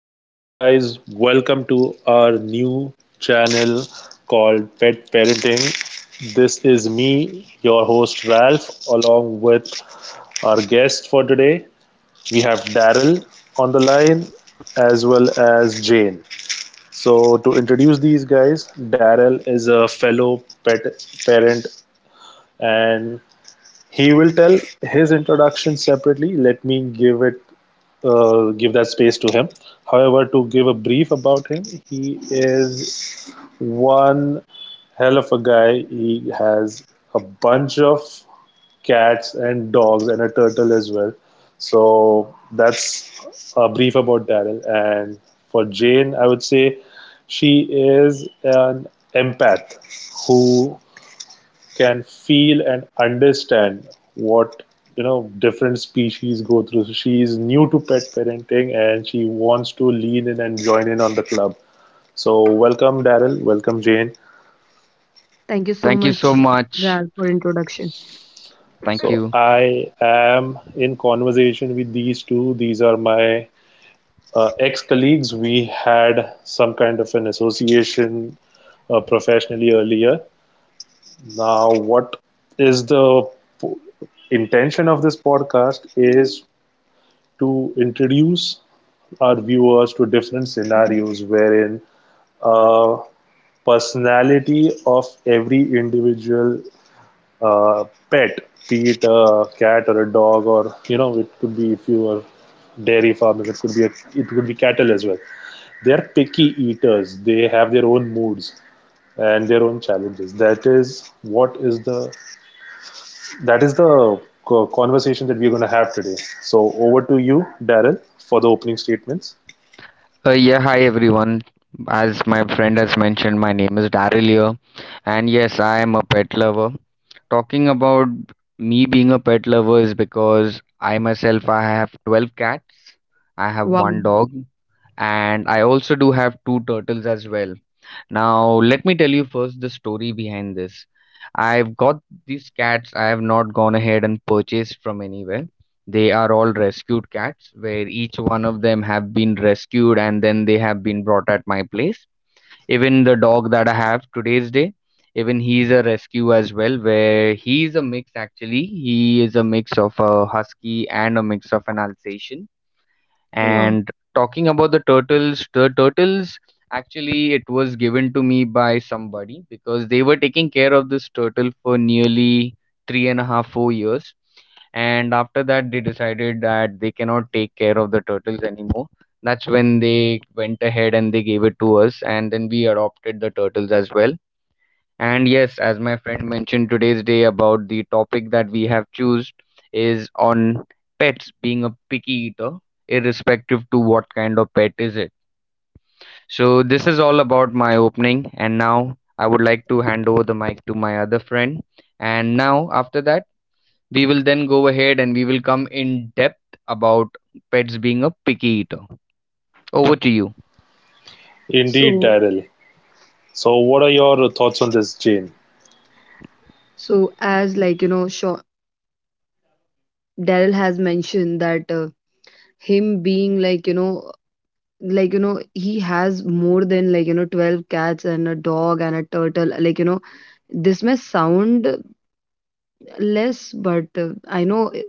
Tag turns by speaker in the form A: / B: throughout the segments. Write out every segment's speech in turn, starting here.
A: Hello, guys, welcome to our new channel called Pet Parenting. This is me, your host Ralph, along with our guest for today. We have Daryl on the line as well as Jane. So, to introduce these guys, Daryl is a fellow pet parent and he will tell his introduction separately. Let me give that space to him. However, to give a brief about him, he is one hell of a guy. He has a bunch of cats and dogs and a turtle as well. So that's a brief about Daryl. And for Jane, I would say she is an empath who can feel and understand what different species go through. So she is new to pet parenting and she wants to lean in and join in on the club. So welcome Daryl, welcome Jane.
B: Thank you so
C: Thank you so
B: much,
C: much.
B: Ral, for introduction.
C: Thank
A: So
C: you.
A: I am in conversation with these two. These are my ex-colleagues. We had some kind of an association professionally earlier. Now, what is the intention of this podcast is to introduce our viewers to different scenarios wherein uh, personality of every individual uh, pet, be it a cat or a dog, or you know, it could be if you are dairy farmers, it could it could be cattle as well. They are picky eaters. They have their own moods and their own challenges. That is the conversation that we're going to have today. So over to you, Daryl, for the opening statements.
C: Yeah, Hi everyone. As my friend has mentioned, my name is Daryl here, and yes, I am a pet lover. Talking about me being a pet lover is because I myself I have 12 cats, I have one
B: Wow.
C: dog, and I also do have two turtles as well. Now, let me tell you first the story behind this. I've got these cats I have not gone ahead and purchased from anywhere. They are all rescued cats where each one of them have been rescued and then they have been brought at my place. Even the dog that I have today's day, even he's a rescue as well where he's a mix actually. He is a mix of a husky and a mix of an Alsatian,
B: Wow.
C: and talking about the turtles actually it was given to me by somebody because they were taking care of this turtle for nearly 3.5, 4 years. And after that, they decided that they cannot take care of the turtles anymore. That's when they went ahead and they gave it to us, and then we adopted the turtles as well. And yes, as my friend mentioned today's day, about the topic that we have chosen is on pets being a picky eater, irrespective to what kind of pet is it. So this is all about my opening, and now I would like to hand over the mic to my other friend. And now after that, we will then go ahead and we will come in depth about pets being a picky eater. Over to you.
A: Indeed,
B: So,
A: Daryl. So, what are your thoughts on this, Jane?
B: so, as like Daryl has mentioned that him being like like he has more than like 12 cats and a dog and a turtle. Like this may sound less, but I know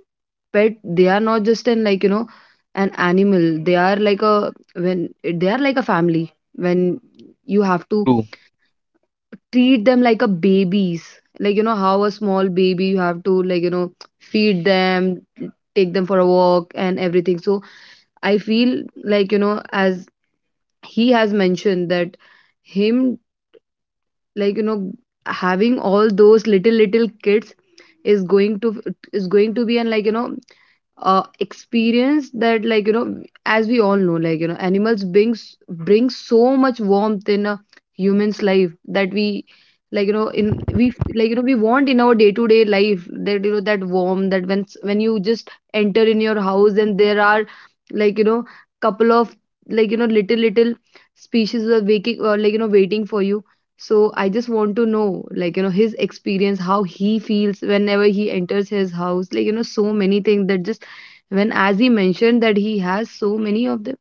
B: pet. They are not just an like an animal. They are like a when they are like a family. When you have to
C: True.
B: treat them like a babies, like how a small baby you have to like feed them, take them for a walk and everything. So I feel like as he has mentioned that him like having all those little little kids is going to is going to be, and like experience that like as we all know, like animals bring so much warmth in a human's life that we like in we like we want in our day to day life, that you know that warm, that when you just enter in your house and there are like couple of like little little species are waking or like waiting for you. So I just want to know like his experience, how he feels whenever he enters his house, like so many things that just when, as he mentioned that he has so many of them,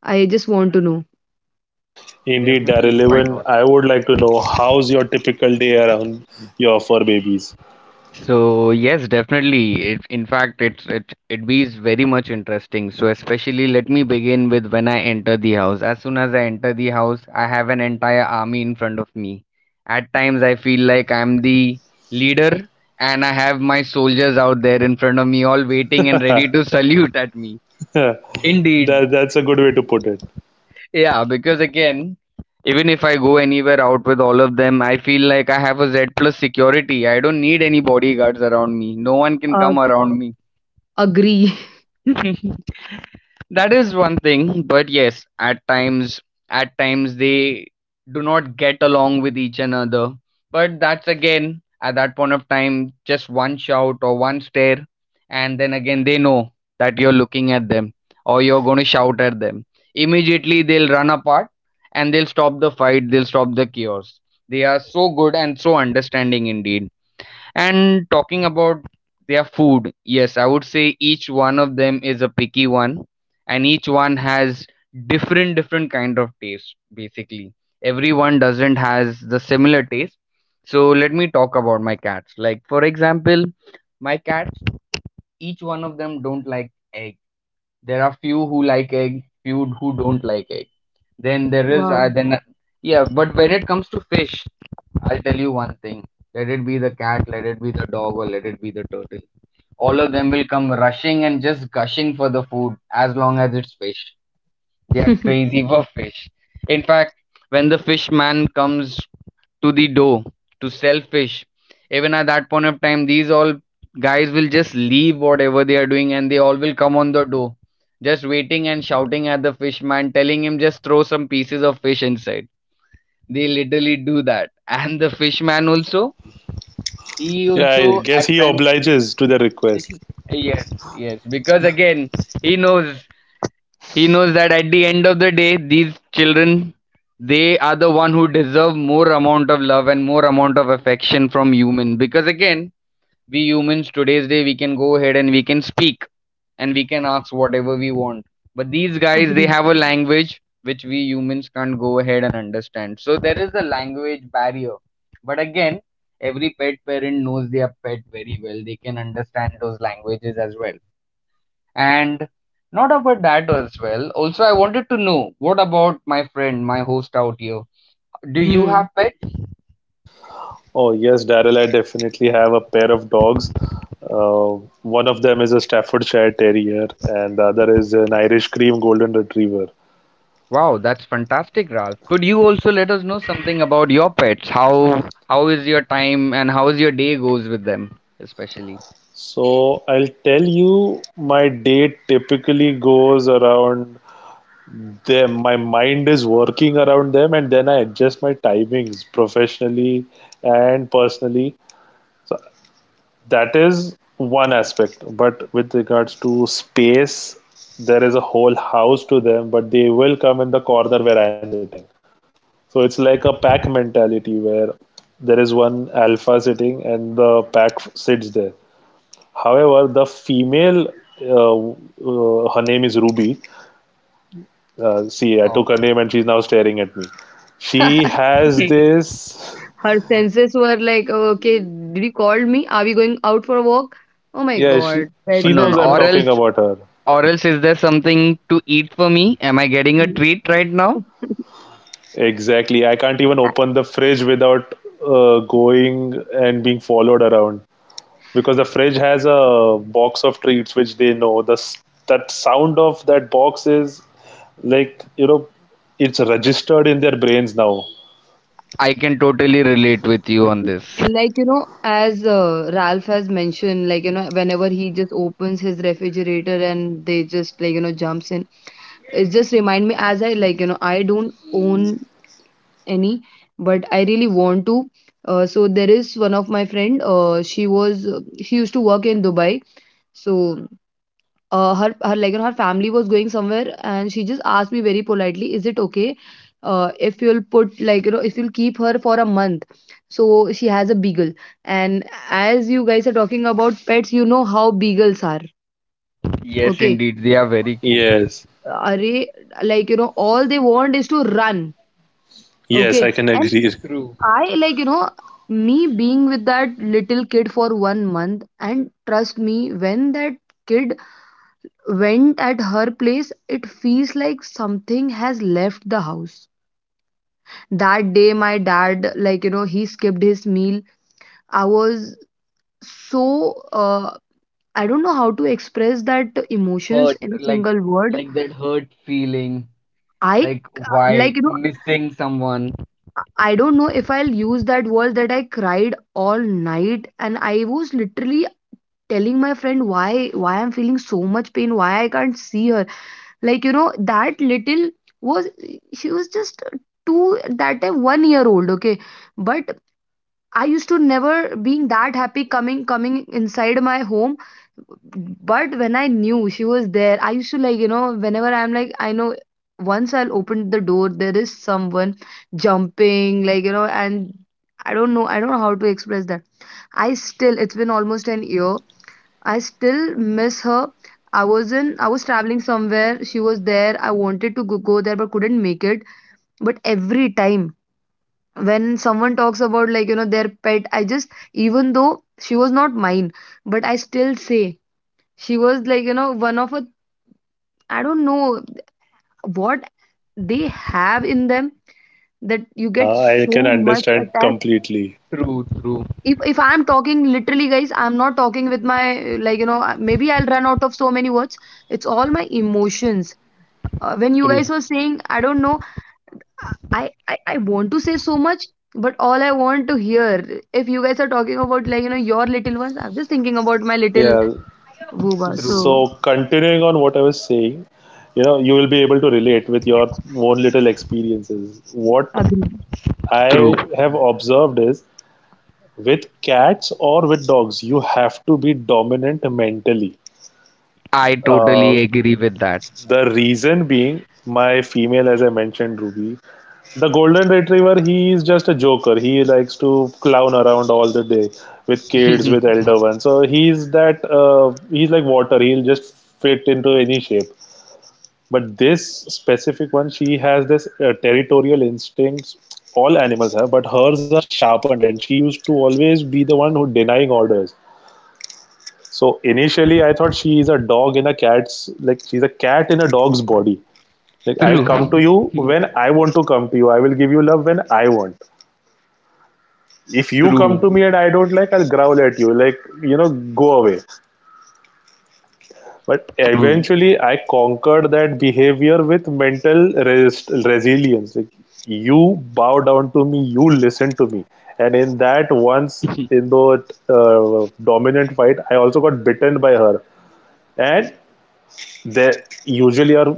B: I just want to know.
A: Indeed,
C: Definitely,
A: Daryl.
C: why
A: Even
C: not?
A: I would like to know how's your typical day around your fur babies.
C: So yes, definitely. It, in fact, it's it it be is very much interesting. So especially, let me begin with when I enter the house. As soon as I enter the house, I have an entire army in front of me. At times, I feel like I'm the leader, and I have my soldiers out there in front of me, all waiting and ready to salute at me. Indeed,
A: that that's a good way to put it.
C: yeah, because again, even if I go anywhere out with all of them, I feel like I have a Z plus security. I don't need any bodyguards around me. No one can
B: Uh,
C: come around me.
B: agree.
C: That is one thing, but yes, at times they do not get along with each another. But that's again, at that point of time, just one shout or one stare, and then again they know that you're looking at them or you're going to shout at them. Immediately they'll run apart and they'll stop the fight, they'll stop the chaos. They are so good and so understanding indeed. And talking about their food, yes, I would say each one of them is a picky one, and each one has different different kind of taste basically. Everyone doesn't has the similar taste. So let me talk about my cats. Like for example, my cats each one of them don't like egg. There are few who like egg, few who don't like egg. Then there is
B: Wow.
C: then yeah, but when it comes to fish, I'll tell you one thing. Let it be the cat, let it be the dog, or let it be the turtle. All of them will come rushing and just gushing for the food as long as it's fish. They are crazy for fish. In fact, when the fish man comes to the door to sell fish, even at that point of time, these all guys will just leave whatever they are doing and they all will come on the door, just waiting and shouting at the fish man, telling him just throw some pieces of fish inside. They literally do that. And the fish man also, he
A: Yeah, I
C: also
A: guess
C: at
A: he
C: times,
A: obliges to the request.
C: yes, yes, because again, he knows he knows that at the end of the day, these children, they are the one who deserve more amount of love and more amount of affection from humans. Because again, we humans today's day we can go ahead and we can speak and we can ask whatever we want. But these guys, they
B: Agree.
C: have a language which we humans can't go ahead and understand. So there is a language barrier. But again, every pet parent knows their pet very well. They can understand those languages as well. And not about that as well. Also, I wanted to know what about my friend, my host out here? Do you
B: Hmm.
C: have pets?
A: Oh yes, Daryl. I definitely have a pair of dogs. Uh, one of them is a Staffordshire Terrier, and the other is an Irish Cream Golden Retriever.
C: Wow, that's fantastic, Ralph. Could you also let us know something about your pets? How is your time and how is your day goes with them, especially?
A: So I'll tell you, my day typically goes around they, my mind is working around them, and then I adjust my timings professionally and personally. So that is one aspect. But with regards to space, there is a whole house to them, but they will come in the corner where I am sitting. So it's like a pack mentality where there is one alpha sitting and the pack sits there. However, the female, her name is Ruby. See, I took
C: Wow.
A: her name and she's now staring at me. She has this.
B: Her senses were like, "Oh, okay, did you call me? Are we going out for a walk? Oh my
A: Yeah, she
B: God,
C: Oh,
A: she
B: pets
C: no,
B: are
A: knows
C: no.
A: I'm
C: Or
B: just"
A: talking
C: else,
A: about her.
C: or else, is there something to eat for me? Am I getting a treat right now?
A: Exactly. I can't even
B: A-
A: open the fridge without going and being followed around because the fridge has a box of treats which they know. The s- that sound of that box is like you know, it's registered in their brains now.
C: I can totally relate with you on this.
B: like as Ralph has mentioned, like whenever he just opens his refrigerator and they just like jumps in, it just remind me as I like I don't own any, but I really want to. So there is one of my friend, she used to work in Dubai. So her like her family was going somewhere and she just asked me very politely, is it okay if you'll put like you know if you'll keep her for a month. So she has a beagle, and as you guys are talking about pets, you know how beagles are.
C: Yes,
B: Okay.
C: indeed, they are very cute.
A: Yes.
B: Are like all they want is to run.
A: Yes,
B: Okay.
A: I can
B: And
A: agree.
C: True.
B: I, like, me being with that little kid for 1 month, and trust me, when that kid went at her place, it feels like something has left the house. That day, my dad, like, he skipped his meal. I was so, I don't know how to express that emotions
C: Hurt.
B: in a
C: like
B: single word.
C: like that hurt feeling,
B: I,
C: like,
B: like,
C: why, missing someone.
B: I don't know if I'll use that word, that I cried all night and I was literally telling my friend, why I'm feeling so much pain, why I can't see her. Like that little was, she was just two that time, 1 year old. Okay. But I used to never being that happy, coming inside my home. But when I knew she was there, I used to like whenever I'm like I know, once I'll open the door, there is someone jumping, like and I don't know, I don't know how to express that. I still, it's been almost an year, I still miss her. I was traveling somewhere. She was there. I wanted to go there but couldn't make it. But every time when someone talks about like their pet, I just, even though she was not mine, but I still say she was like one of a, I don't know what they have in them, that you get
A: I can
B: so much
A: understand
B: attached.
A: completely.
C: True. True.
B: If I'm talking literally, guys, I'm not talking with my, like maybe I'll run out of so many words. It's all my emotions. When you
C: True.
B: guys were saying, I don't know, I want to say so much, but all I want to hear, if you guys are talking about like your little ones, I'm just thinking about my little
A: Yeah,
B: booba. So
C: True.
A: so, continuing on what I was saying, you know, you will be able to relate with your own little experiences. What
B: agree.
C: True.
A: I have observed is with cats or with dogs, you have to be dominant mentally.
C: I totally
A: Uh,
C: agree with that.
A: the reason being, my female, as I mentioned, Ruby, the golden retriever, he is just a joker. He likes to clown around all the day with kids, with elder ones. So he's that he's like water. He'll just fit into any shape. But this specific one, she has this territorial instincts. All animals have, but hers are sharpened, and she used to always be the one who denying orders. So initially, I thought she's a cat in a dog's body. Like I'll
C: True.
A: come to you when I want to come to you. I will give you love when I want. If you come
C: True.
A: to me and I don't like, I'll growl at you. Like you know, go away. But
C: True.
A: eventually, I conquered that behavior with mental resilience. Like, you bow down to me, you listen to me. And in that, once in the dominant fight, I also got bitten by her. And they usually our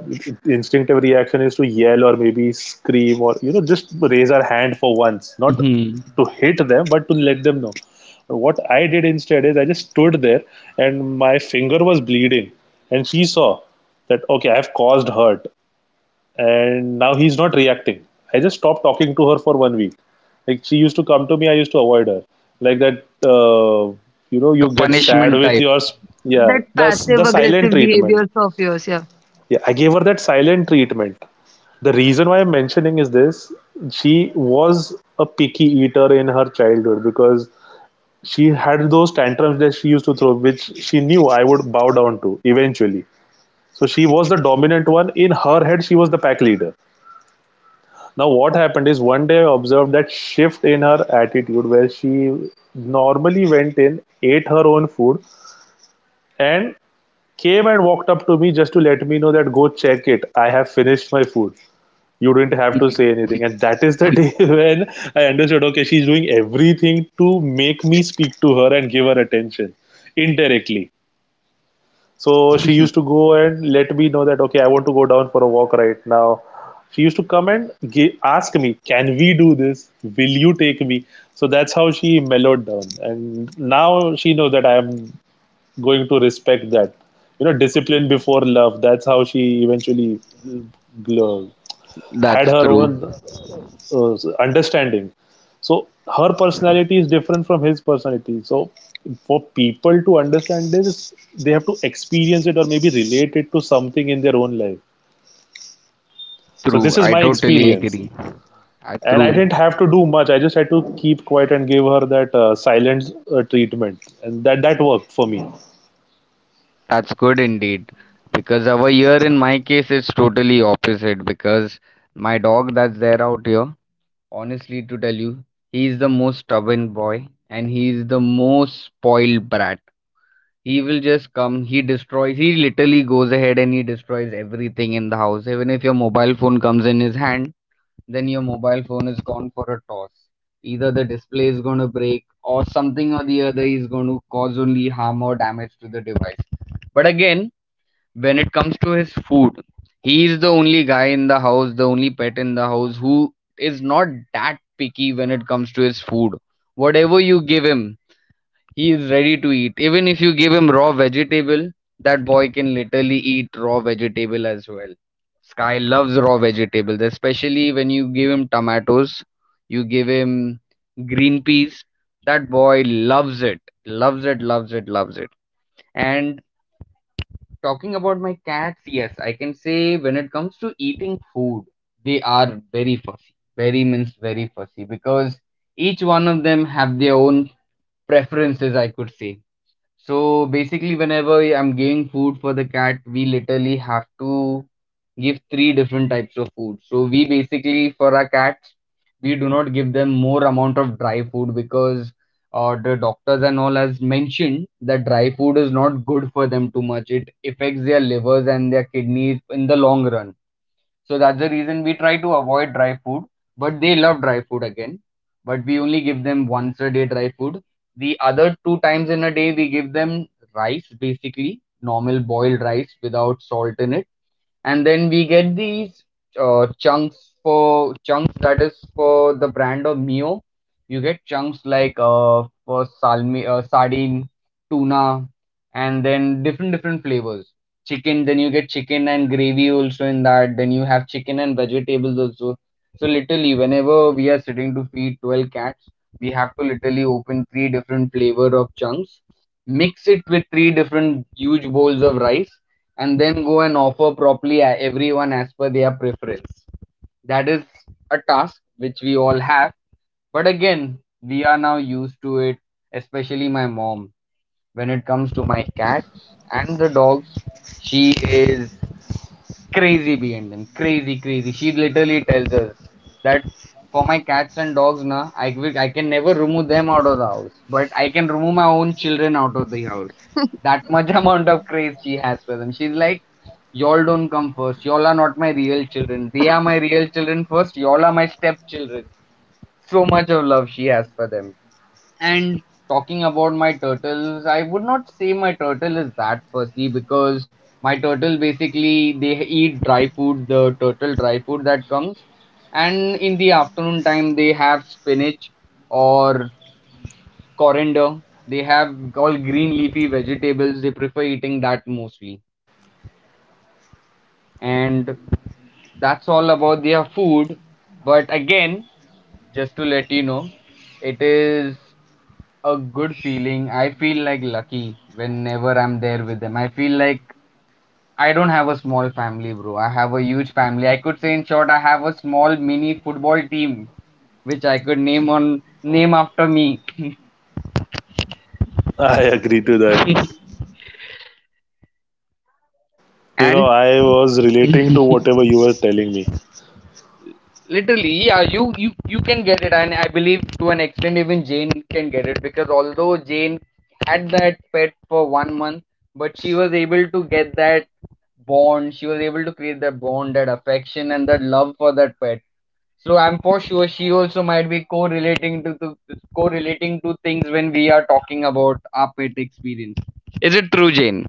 A: instinctive reaction is to yell or maybe scream or you know just raise our hand for once, not
C: Mm-hmm.
A: to hit them but to let them know. What I did instead is I just stood there and my finger was bleeding, and she saw that, okay, I have caused hurt and now he's not reacting. I just stopped talking to her for one week. Like she used to come to me, I used to avoid her. Like that you know,
C: Like
A: you
C: a
A: get sad
C: punishment
A: with
C: type.
A: yeah,
B: That
A: the
B: passive
A: silent
B: aggressive
A: treatment.
B: behaviors of yours, yeah.
A: Yeah, I gave her that silent treatment. The reason why I'm mentioning is this: she was a picky eater in her childhood because she had those tantrums that she used to throw, which she knew I would bow down to eventually. So she was the dominant one. In her head, she was the pack leader. Now, what happened is one day I observed that shift in her attitude where she normally went in, ate her own food, and came and walked up to me just to let me know that go check it, I have finished my food. You didn't have to say anything, and that is the day when I understood, okay, she's doing everything to make me speak to her and give her attention indirectly. So she used to go and let me know that, okay, I want to go down for a walk right now. She used to come and ask me, can we do this, will you take me? So that's how she mellowed down, and now she knows that I am going to respect that, you know, discipline before love. That's how she eventually uh, had
C: That's
A: her
C: true.
A: own understanding. So her personality is different from his personality. So for people to understand this, they have to experience it or maybe relate it to something in their own life. So
C: True.
A: this is
C: I
A: my
C: totally
A: experience.
C: agree. I,
A: And I
C: true.
A: didn't have to do much. I just had to keep quiet and give her that silent treatment, and that worked for me.
C: That's good indeed. Because our year in my case is totally opposite because my dog that's there out here, honestly, to tell you, he is the most stubborn boy and he is the most spoiled brat. He will just come, he destroys, he literally goes ahead and he destroys everything in the house. Even if your mobile phone comes in his hand, then your mobile phone is gone for a toss. Either the display is going to break or something or the other is going to cause only harm or damage to the device. But again, when it comes to his food, he is the only guy in the house, the only pet in the house who is not that picky when it comes to his food. Whatever you give him, he is ready to eat. Even if you give him raw vegetable, that boy can literally eat raw vegetable as well. Sky loves raw vegetables, especially when you give him tomatoes, you give him green peas. That boy loves it, loves it, loves it, loves it. And talking about my cats, yes, I can say when it comes to eating food, they are very fussy. Very means very fussy because each one of them have their own preferences, I could say. So basically, whenever I'm giving food for the cat, we literally have to give three different types of food. So we basically for our cats, we do not give them more amount of dry food because the doctors and all has mentioned that dry food is not good for them too much. It affects their livers and their kidneys in the long run. So that's the reason we try to avoid dry food, but they love dry food again. But we only give them once a day dry food. The other two times in a day, we give them rice, basically, normal boiled rice without salt in it. And then we get these chunks for chunks that is for the brand of Mio. You get chunks like for salmi, sardine, tuna, and then different different flavors. Chicken, then you get chicken and gravy also in that. Then you have chicken and vegetables also. So literally, whenever we are sitting to feed 12 cats, we have to literally open three different flavor of chunks, mix it with three different huge bowls of rice, and then go and offer properly a- everyone as per their preference. That is a task which we all have. But again, we are now used to it, especially my mom. When it comes to my cats and the dogs, she is crazy behind them. Crazy, crazy. She literally tells us that for my cats and dogs, na, I will, I can never remove them out of the house, but I can remove my own children out of the house. That much amount of craze she has for them. She's like, y'all don't come first. Y'all are not my real children. They are my real children first. Y'all are my stepchildren. So much of love she has for them. And talking about my turtles, I would not say my turtle is that fussy because my turtle basically they eat dry food, the turtle dry food that comes. And in the afternoon time, they have spinach or coriander. They have all green leafy vegetables. They prefer eating that mostly. And that's all about their food. But again, just to let you know, it is a good feeling. I feel like lucky whenever I'm there with them. I feel like I don't have a small family, bro. I have a huge family. I could say in short, I have a small mini football team, which I could name on name after me.
B: Hmm.
A: I agree to that. You know,
C: And
A: I was relating to whatever you were telling me.
C: Literally, yeah, you can get it, and I believe to an extent even Jane can get it because although Jane had that pet for one month, but she was able to get that bond. She was able to create that bond, that affection, and that love for that pet. So I'm for sure she also might be correlating to things when we are talking about our pet experience. Is it true, Jane?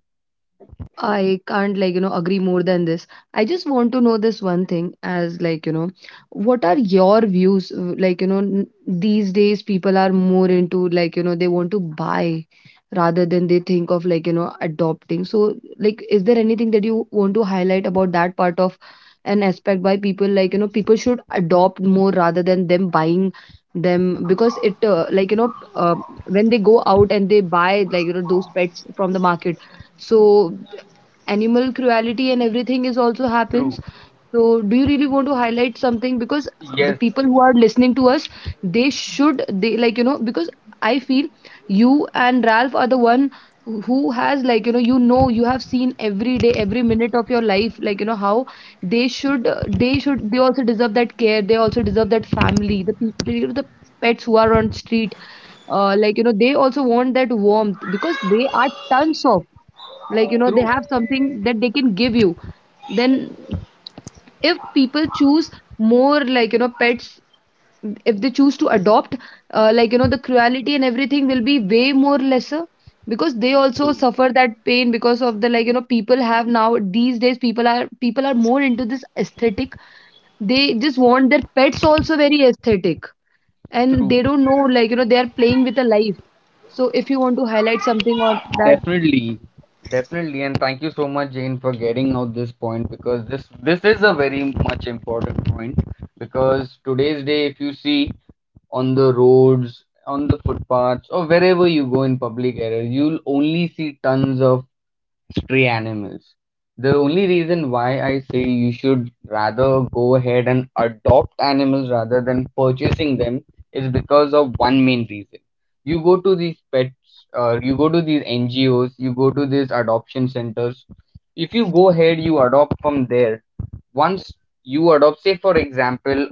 B: I can't like agree more than this. I just want to know this one thing, as like what are your views, like these days people are more into like they want to buy rather than they think of like adopting. So, like, is there anything that you want to highlight about that part of an aspect, why people like people should adopt more rather than them buying them. Because it like when they go out and they buy like those pets from the market, so animal cruelty and everything is also
C: True.
B: happens. So do you really want to highlight something? Because the
C: Yes.
B: people who are listening to us, they should, they like because I feel you and Ralph are the one who has like you know, you have seen every day every minute of your life, like how they should, they should, they also deserve that care, they also deserve that family, the people, you know, the pets who are on street, like they also want that warmth, because they are tons of, like they
C: True.
B: have something that they can give you. Then if people choose more like pets, if they choose to adopt, like the cruelty and everything will be way more lesser, because they also
C: True.
B: suffer that pain because of the, like people have now, these days people are more into this aesthetic, they just want their pets also very aesthetic, and
C: True.
B: they don't know, like they are playing with a life. So if you want to highlight something on that.
C: Definitely, definitely, and thank you so much, Jane, for getting out this point because this is a very much important point, because today's day, if you see on the roads, on the footpaths, or wherever you go in public areas, you'll only see tons of stray animals. The only reason why I say you should rather go ahead and adopt animals rather than purchasing them is because of one main reason. You go to these pets, you go to these NGOs, you go to these adoption centers. If you go ahead, you adopt from there. Once you adopt, say for example,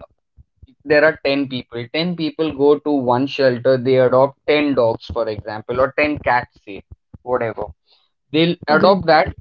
C: there are 10 people go to one shelter, they adopt 10 dogs, for example, or 10 cats, say whatever, they'll
B: Agree.
C: adopt that.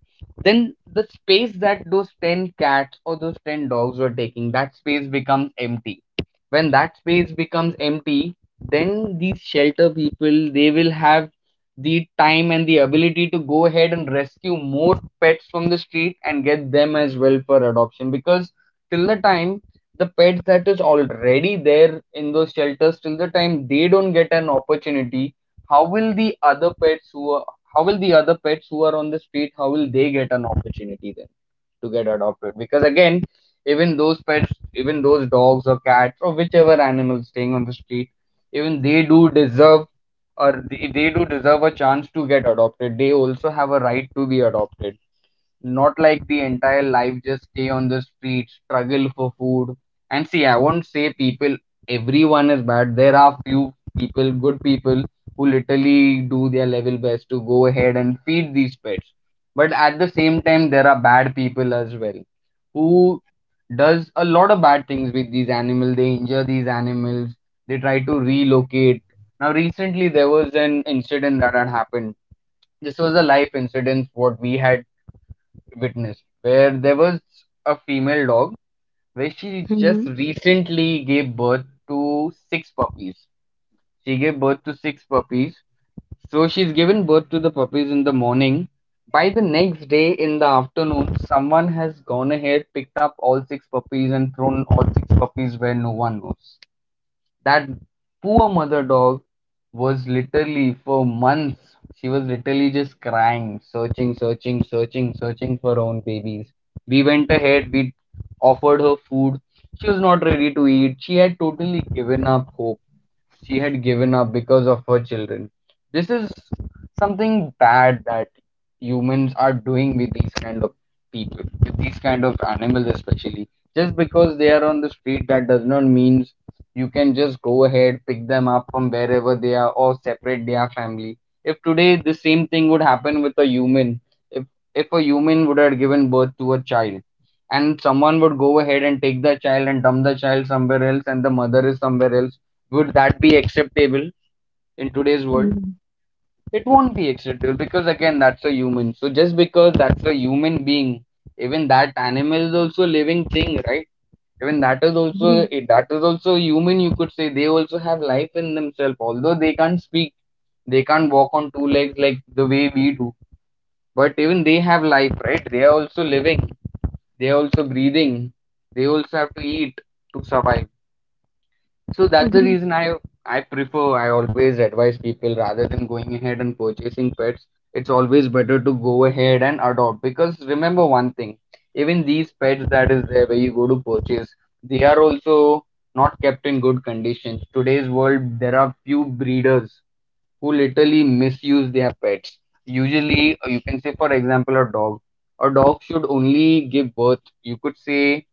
C: Then the space that those 10 cats or those 10 dogs were taking, that space becomes empty. When that space becomes empty, then these shelter people, they will have the time and the ability to go ahead and rescue more pets from the street and get them as well for adoption, because till the time the pets that is already there in those shelters, till the time they don't get an opportunity, how will the other pets who are how will the other pets who are on the street, how will they get an opportunity then to get adopted? Because again, even those pets, even those dogs or cats or whichever animals staying on the street, even they do deserve, or they do deserve a chance to get adopted. They also have a right to be adopted, not like the entire life just stay on the street, struggle for food. And see, I won't say people, everyone is bad. There are few people, good people, who literally do their level best to go ahead and feed these pets. But at the same time, there are bad people as well, who does a lot of bad things with these animals. They injure these animals. They try to relocate. Now, recently there was an incident that had happened, this was a life incident what we had witnessed, where there was a female dog, where she just
B: Hmm.
C: recently gave birth to six puppies. She gave birth to six puppies. So she's given birth to the puppies in the morning. By the next day in the afternoon, someone has gone ahead, picked up all six puppies, and thrown all six puppies where no one knows. That poor mother dog was literally for months, she was literally just crying, searching, searching, searching, searching for her own babies. We went ahead, we offered her food. She was not ready to eat. She had totally given up hope, she had given up because of her children. This is something bad that humans are doing with these kind of people, with these kind of animals especially. Just because they are on the street, that does not mean you can just go ahead, pick them up from wherever they are, or separate their family. If today the same thing would happen with a human, if if a human would have given birth to a child, and someone would go ahead and take the child and dump the child somewhere else and the mother is somewhere else, would that be acceptable in today's world?
B: Agree.
C: It won't be acceptable, because again, that's a human. So just because that's a human being, even that animal is also a living thing, right? Even that is also that is also human, you could say, they also have life in themselves, although they can't speak, they can't walk on two legs like the way we do, but even they have life, right? They are also living, they are also breathing, they also have to eat to survive. So that's the
B: Agree.
C: reason I always advise people, rather than going ahead and purchasing pets, it's always better to go ahead and adopt, because remember one thing, even these pets that is there where you go to purchase, they are also not kept in good conditions. Today's world, there are few breeders who literally misuse their pets. Usually, you can say, for example, a dog. A dog should only give birth, you could say,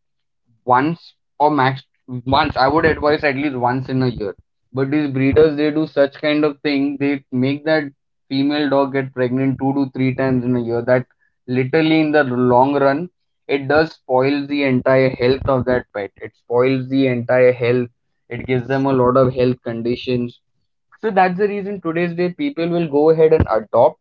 C: once, or max once, I would advise at least once in a year. But these breeders, they do such kind of thing, they make that female dog get pregnant two to three times in a year, that literally in the long run it does spoil the entire health of that pet, it spoils the entire health, it gives them a lot of health conditions. So that's the reason today's day people will go ahead and adopt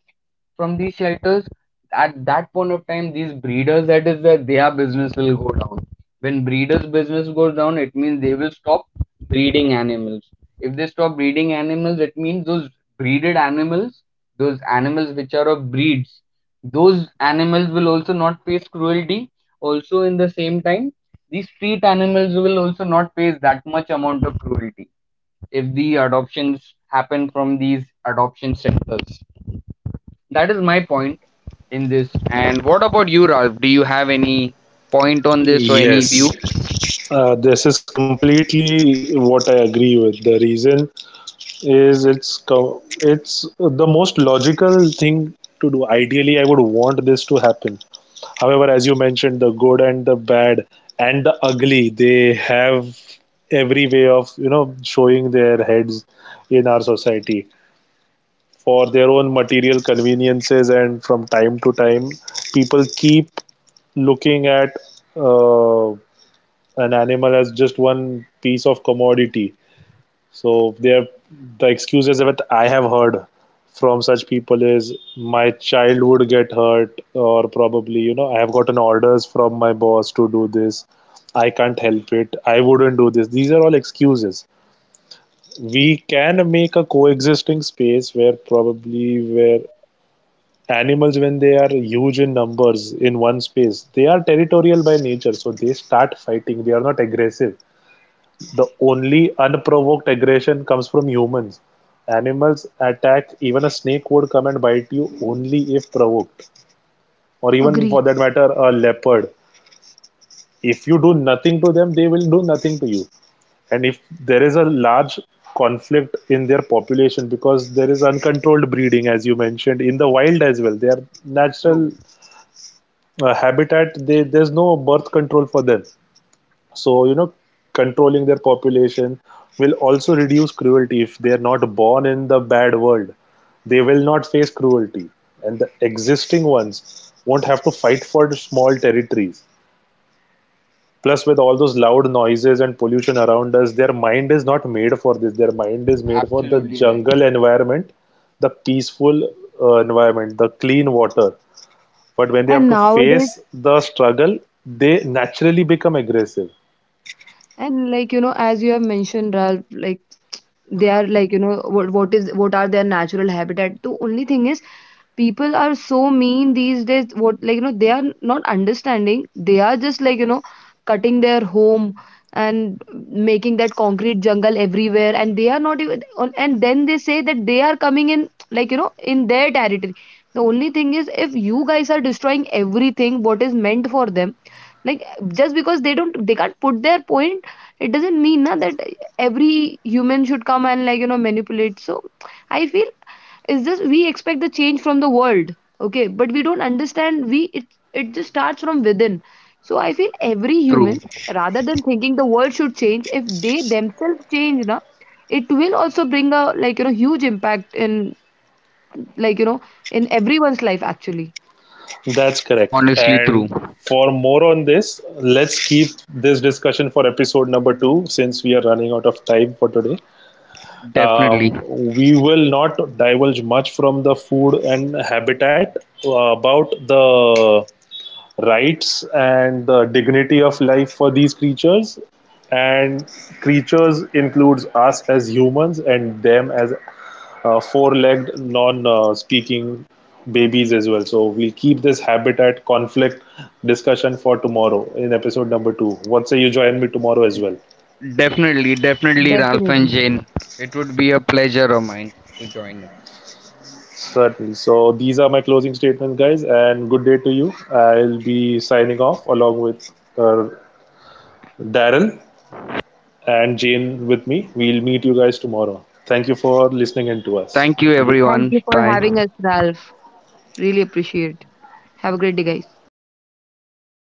C: from these shelters. At that point of time, these breeders that is that their business will go down. When breeders' business goes down, it means they will stop breeding animals. If they stop breeding animals, it means those breeded animals, those animals which are of breeds, those animals will also not face cruelty. Also, in the same time, these street animals will also not face that much amount of cruelty if the adoptions happen from these adoption centers. That is my point in this. And what about you, Ralph? Do you have any point on this or any view?
A: Yes. This is completely what I agree with. The reason is it's the most logical thing to do. Ideally, I would want this to happen. However, as you mentioned, the good and the bad and the ugly, they have every way of you know showing their heads in our society, for their own material conveniences. And from time to time people keep looking at uh, an animal as just one piece of commodity. So they're the excuses that I have heard from such people is my child would get hurt, or probably you know I have gotten orders from my boss to do this, I can't help it, I wouldn't do this. These are all excuses. We can make a coexisting space where probably where animals, when they are huge in numbers in one space, they are territorial by nature, so they start fighting. They are not aggressive. The only unprovoked aggression comes from humans. Animals attack, even a snake would come and bite you only if provoked, or even
C: True,
A: for
B: Agree.
A: that matter a leopard. If you do nothing to them, they will do nothing to you. And if there is a large conflict in their population because there is uncontrolled breeding, as you mentioned, in the wild as well, they are natural
C: true,
A: habitat, they there's no birth control for them. So you know, controlling their population will also reduce cruelty. If they are not born in the bad world, they will not face cruelty, and the existing ones won't have to fight for small territories. Plus with all those loud noises and pollution around us, their mind is not made for this. Their mind is made for the
C: absolutely right.
A: jungle environment, the peaceful environment, the clean water. But when they have
B: And
A: to face
B: nowadays,
A: the struggle, they naturally become aggressive.
B: and like as you have mentioned, Ralph, like they are like what is, what are their natural habitat. The only thing is people are so mean these days. What like they are not understanding, they are just like cutting their home and making that concrete jungle everywhere, and they are not even on, and then they say that they are coming in, like in their territory. The only thing is, if you guys are destroying everything, what is meant for them, like, just because they don't, they can't put their point, it doesn't mean na, that every human should come and like manipulate. So I feel, is this we expect the change from the world? Okay, but we don't understand, we it, it just starts from within. So I feel every
C: True,
B: humans, rather than thinking the world should change, if they themselves change na, it will also bring a, like huge impact in, like in everyone's life actually.
A: That's correct.
C: honestly, true.
A: And for more on this, let's keep this discussion for episode number two, since we are running out of time for today.
C: Definitely,
A: Um, we will not divulge much from the food and habitat about the rights and the dignity of life for these creatures. And creatures includes us as humans and them as four-legged non-speaking babies as well. So we'll keep this habitat conflict discussion for tomorrow in episode number two. What say you join me tomorrow as well?
C: definitely, definitely, Ralph and
B: Definitely.
C: Jane. It would be a pleasure of mine to join them.
A: Certainly. So these are my closing statements, guys, and good day to you. I'll be signing off along with uh, Daryl and Jane with me. We'll meet you guys tomorrow. Thank you for listening in to us.
C: Thank you,
A: Good.
B: Thank
C: everyone.
B: you for
C: Bye.
B: having us, Ralph. Really appreciate. Have a great day, guys.
C: You too.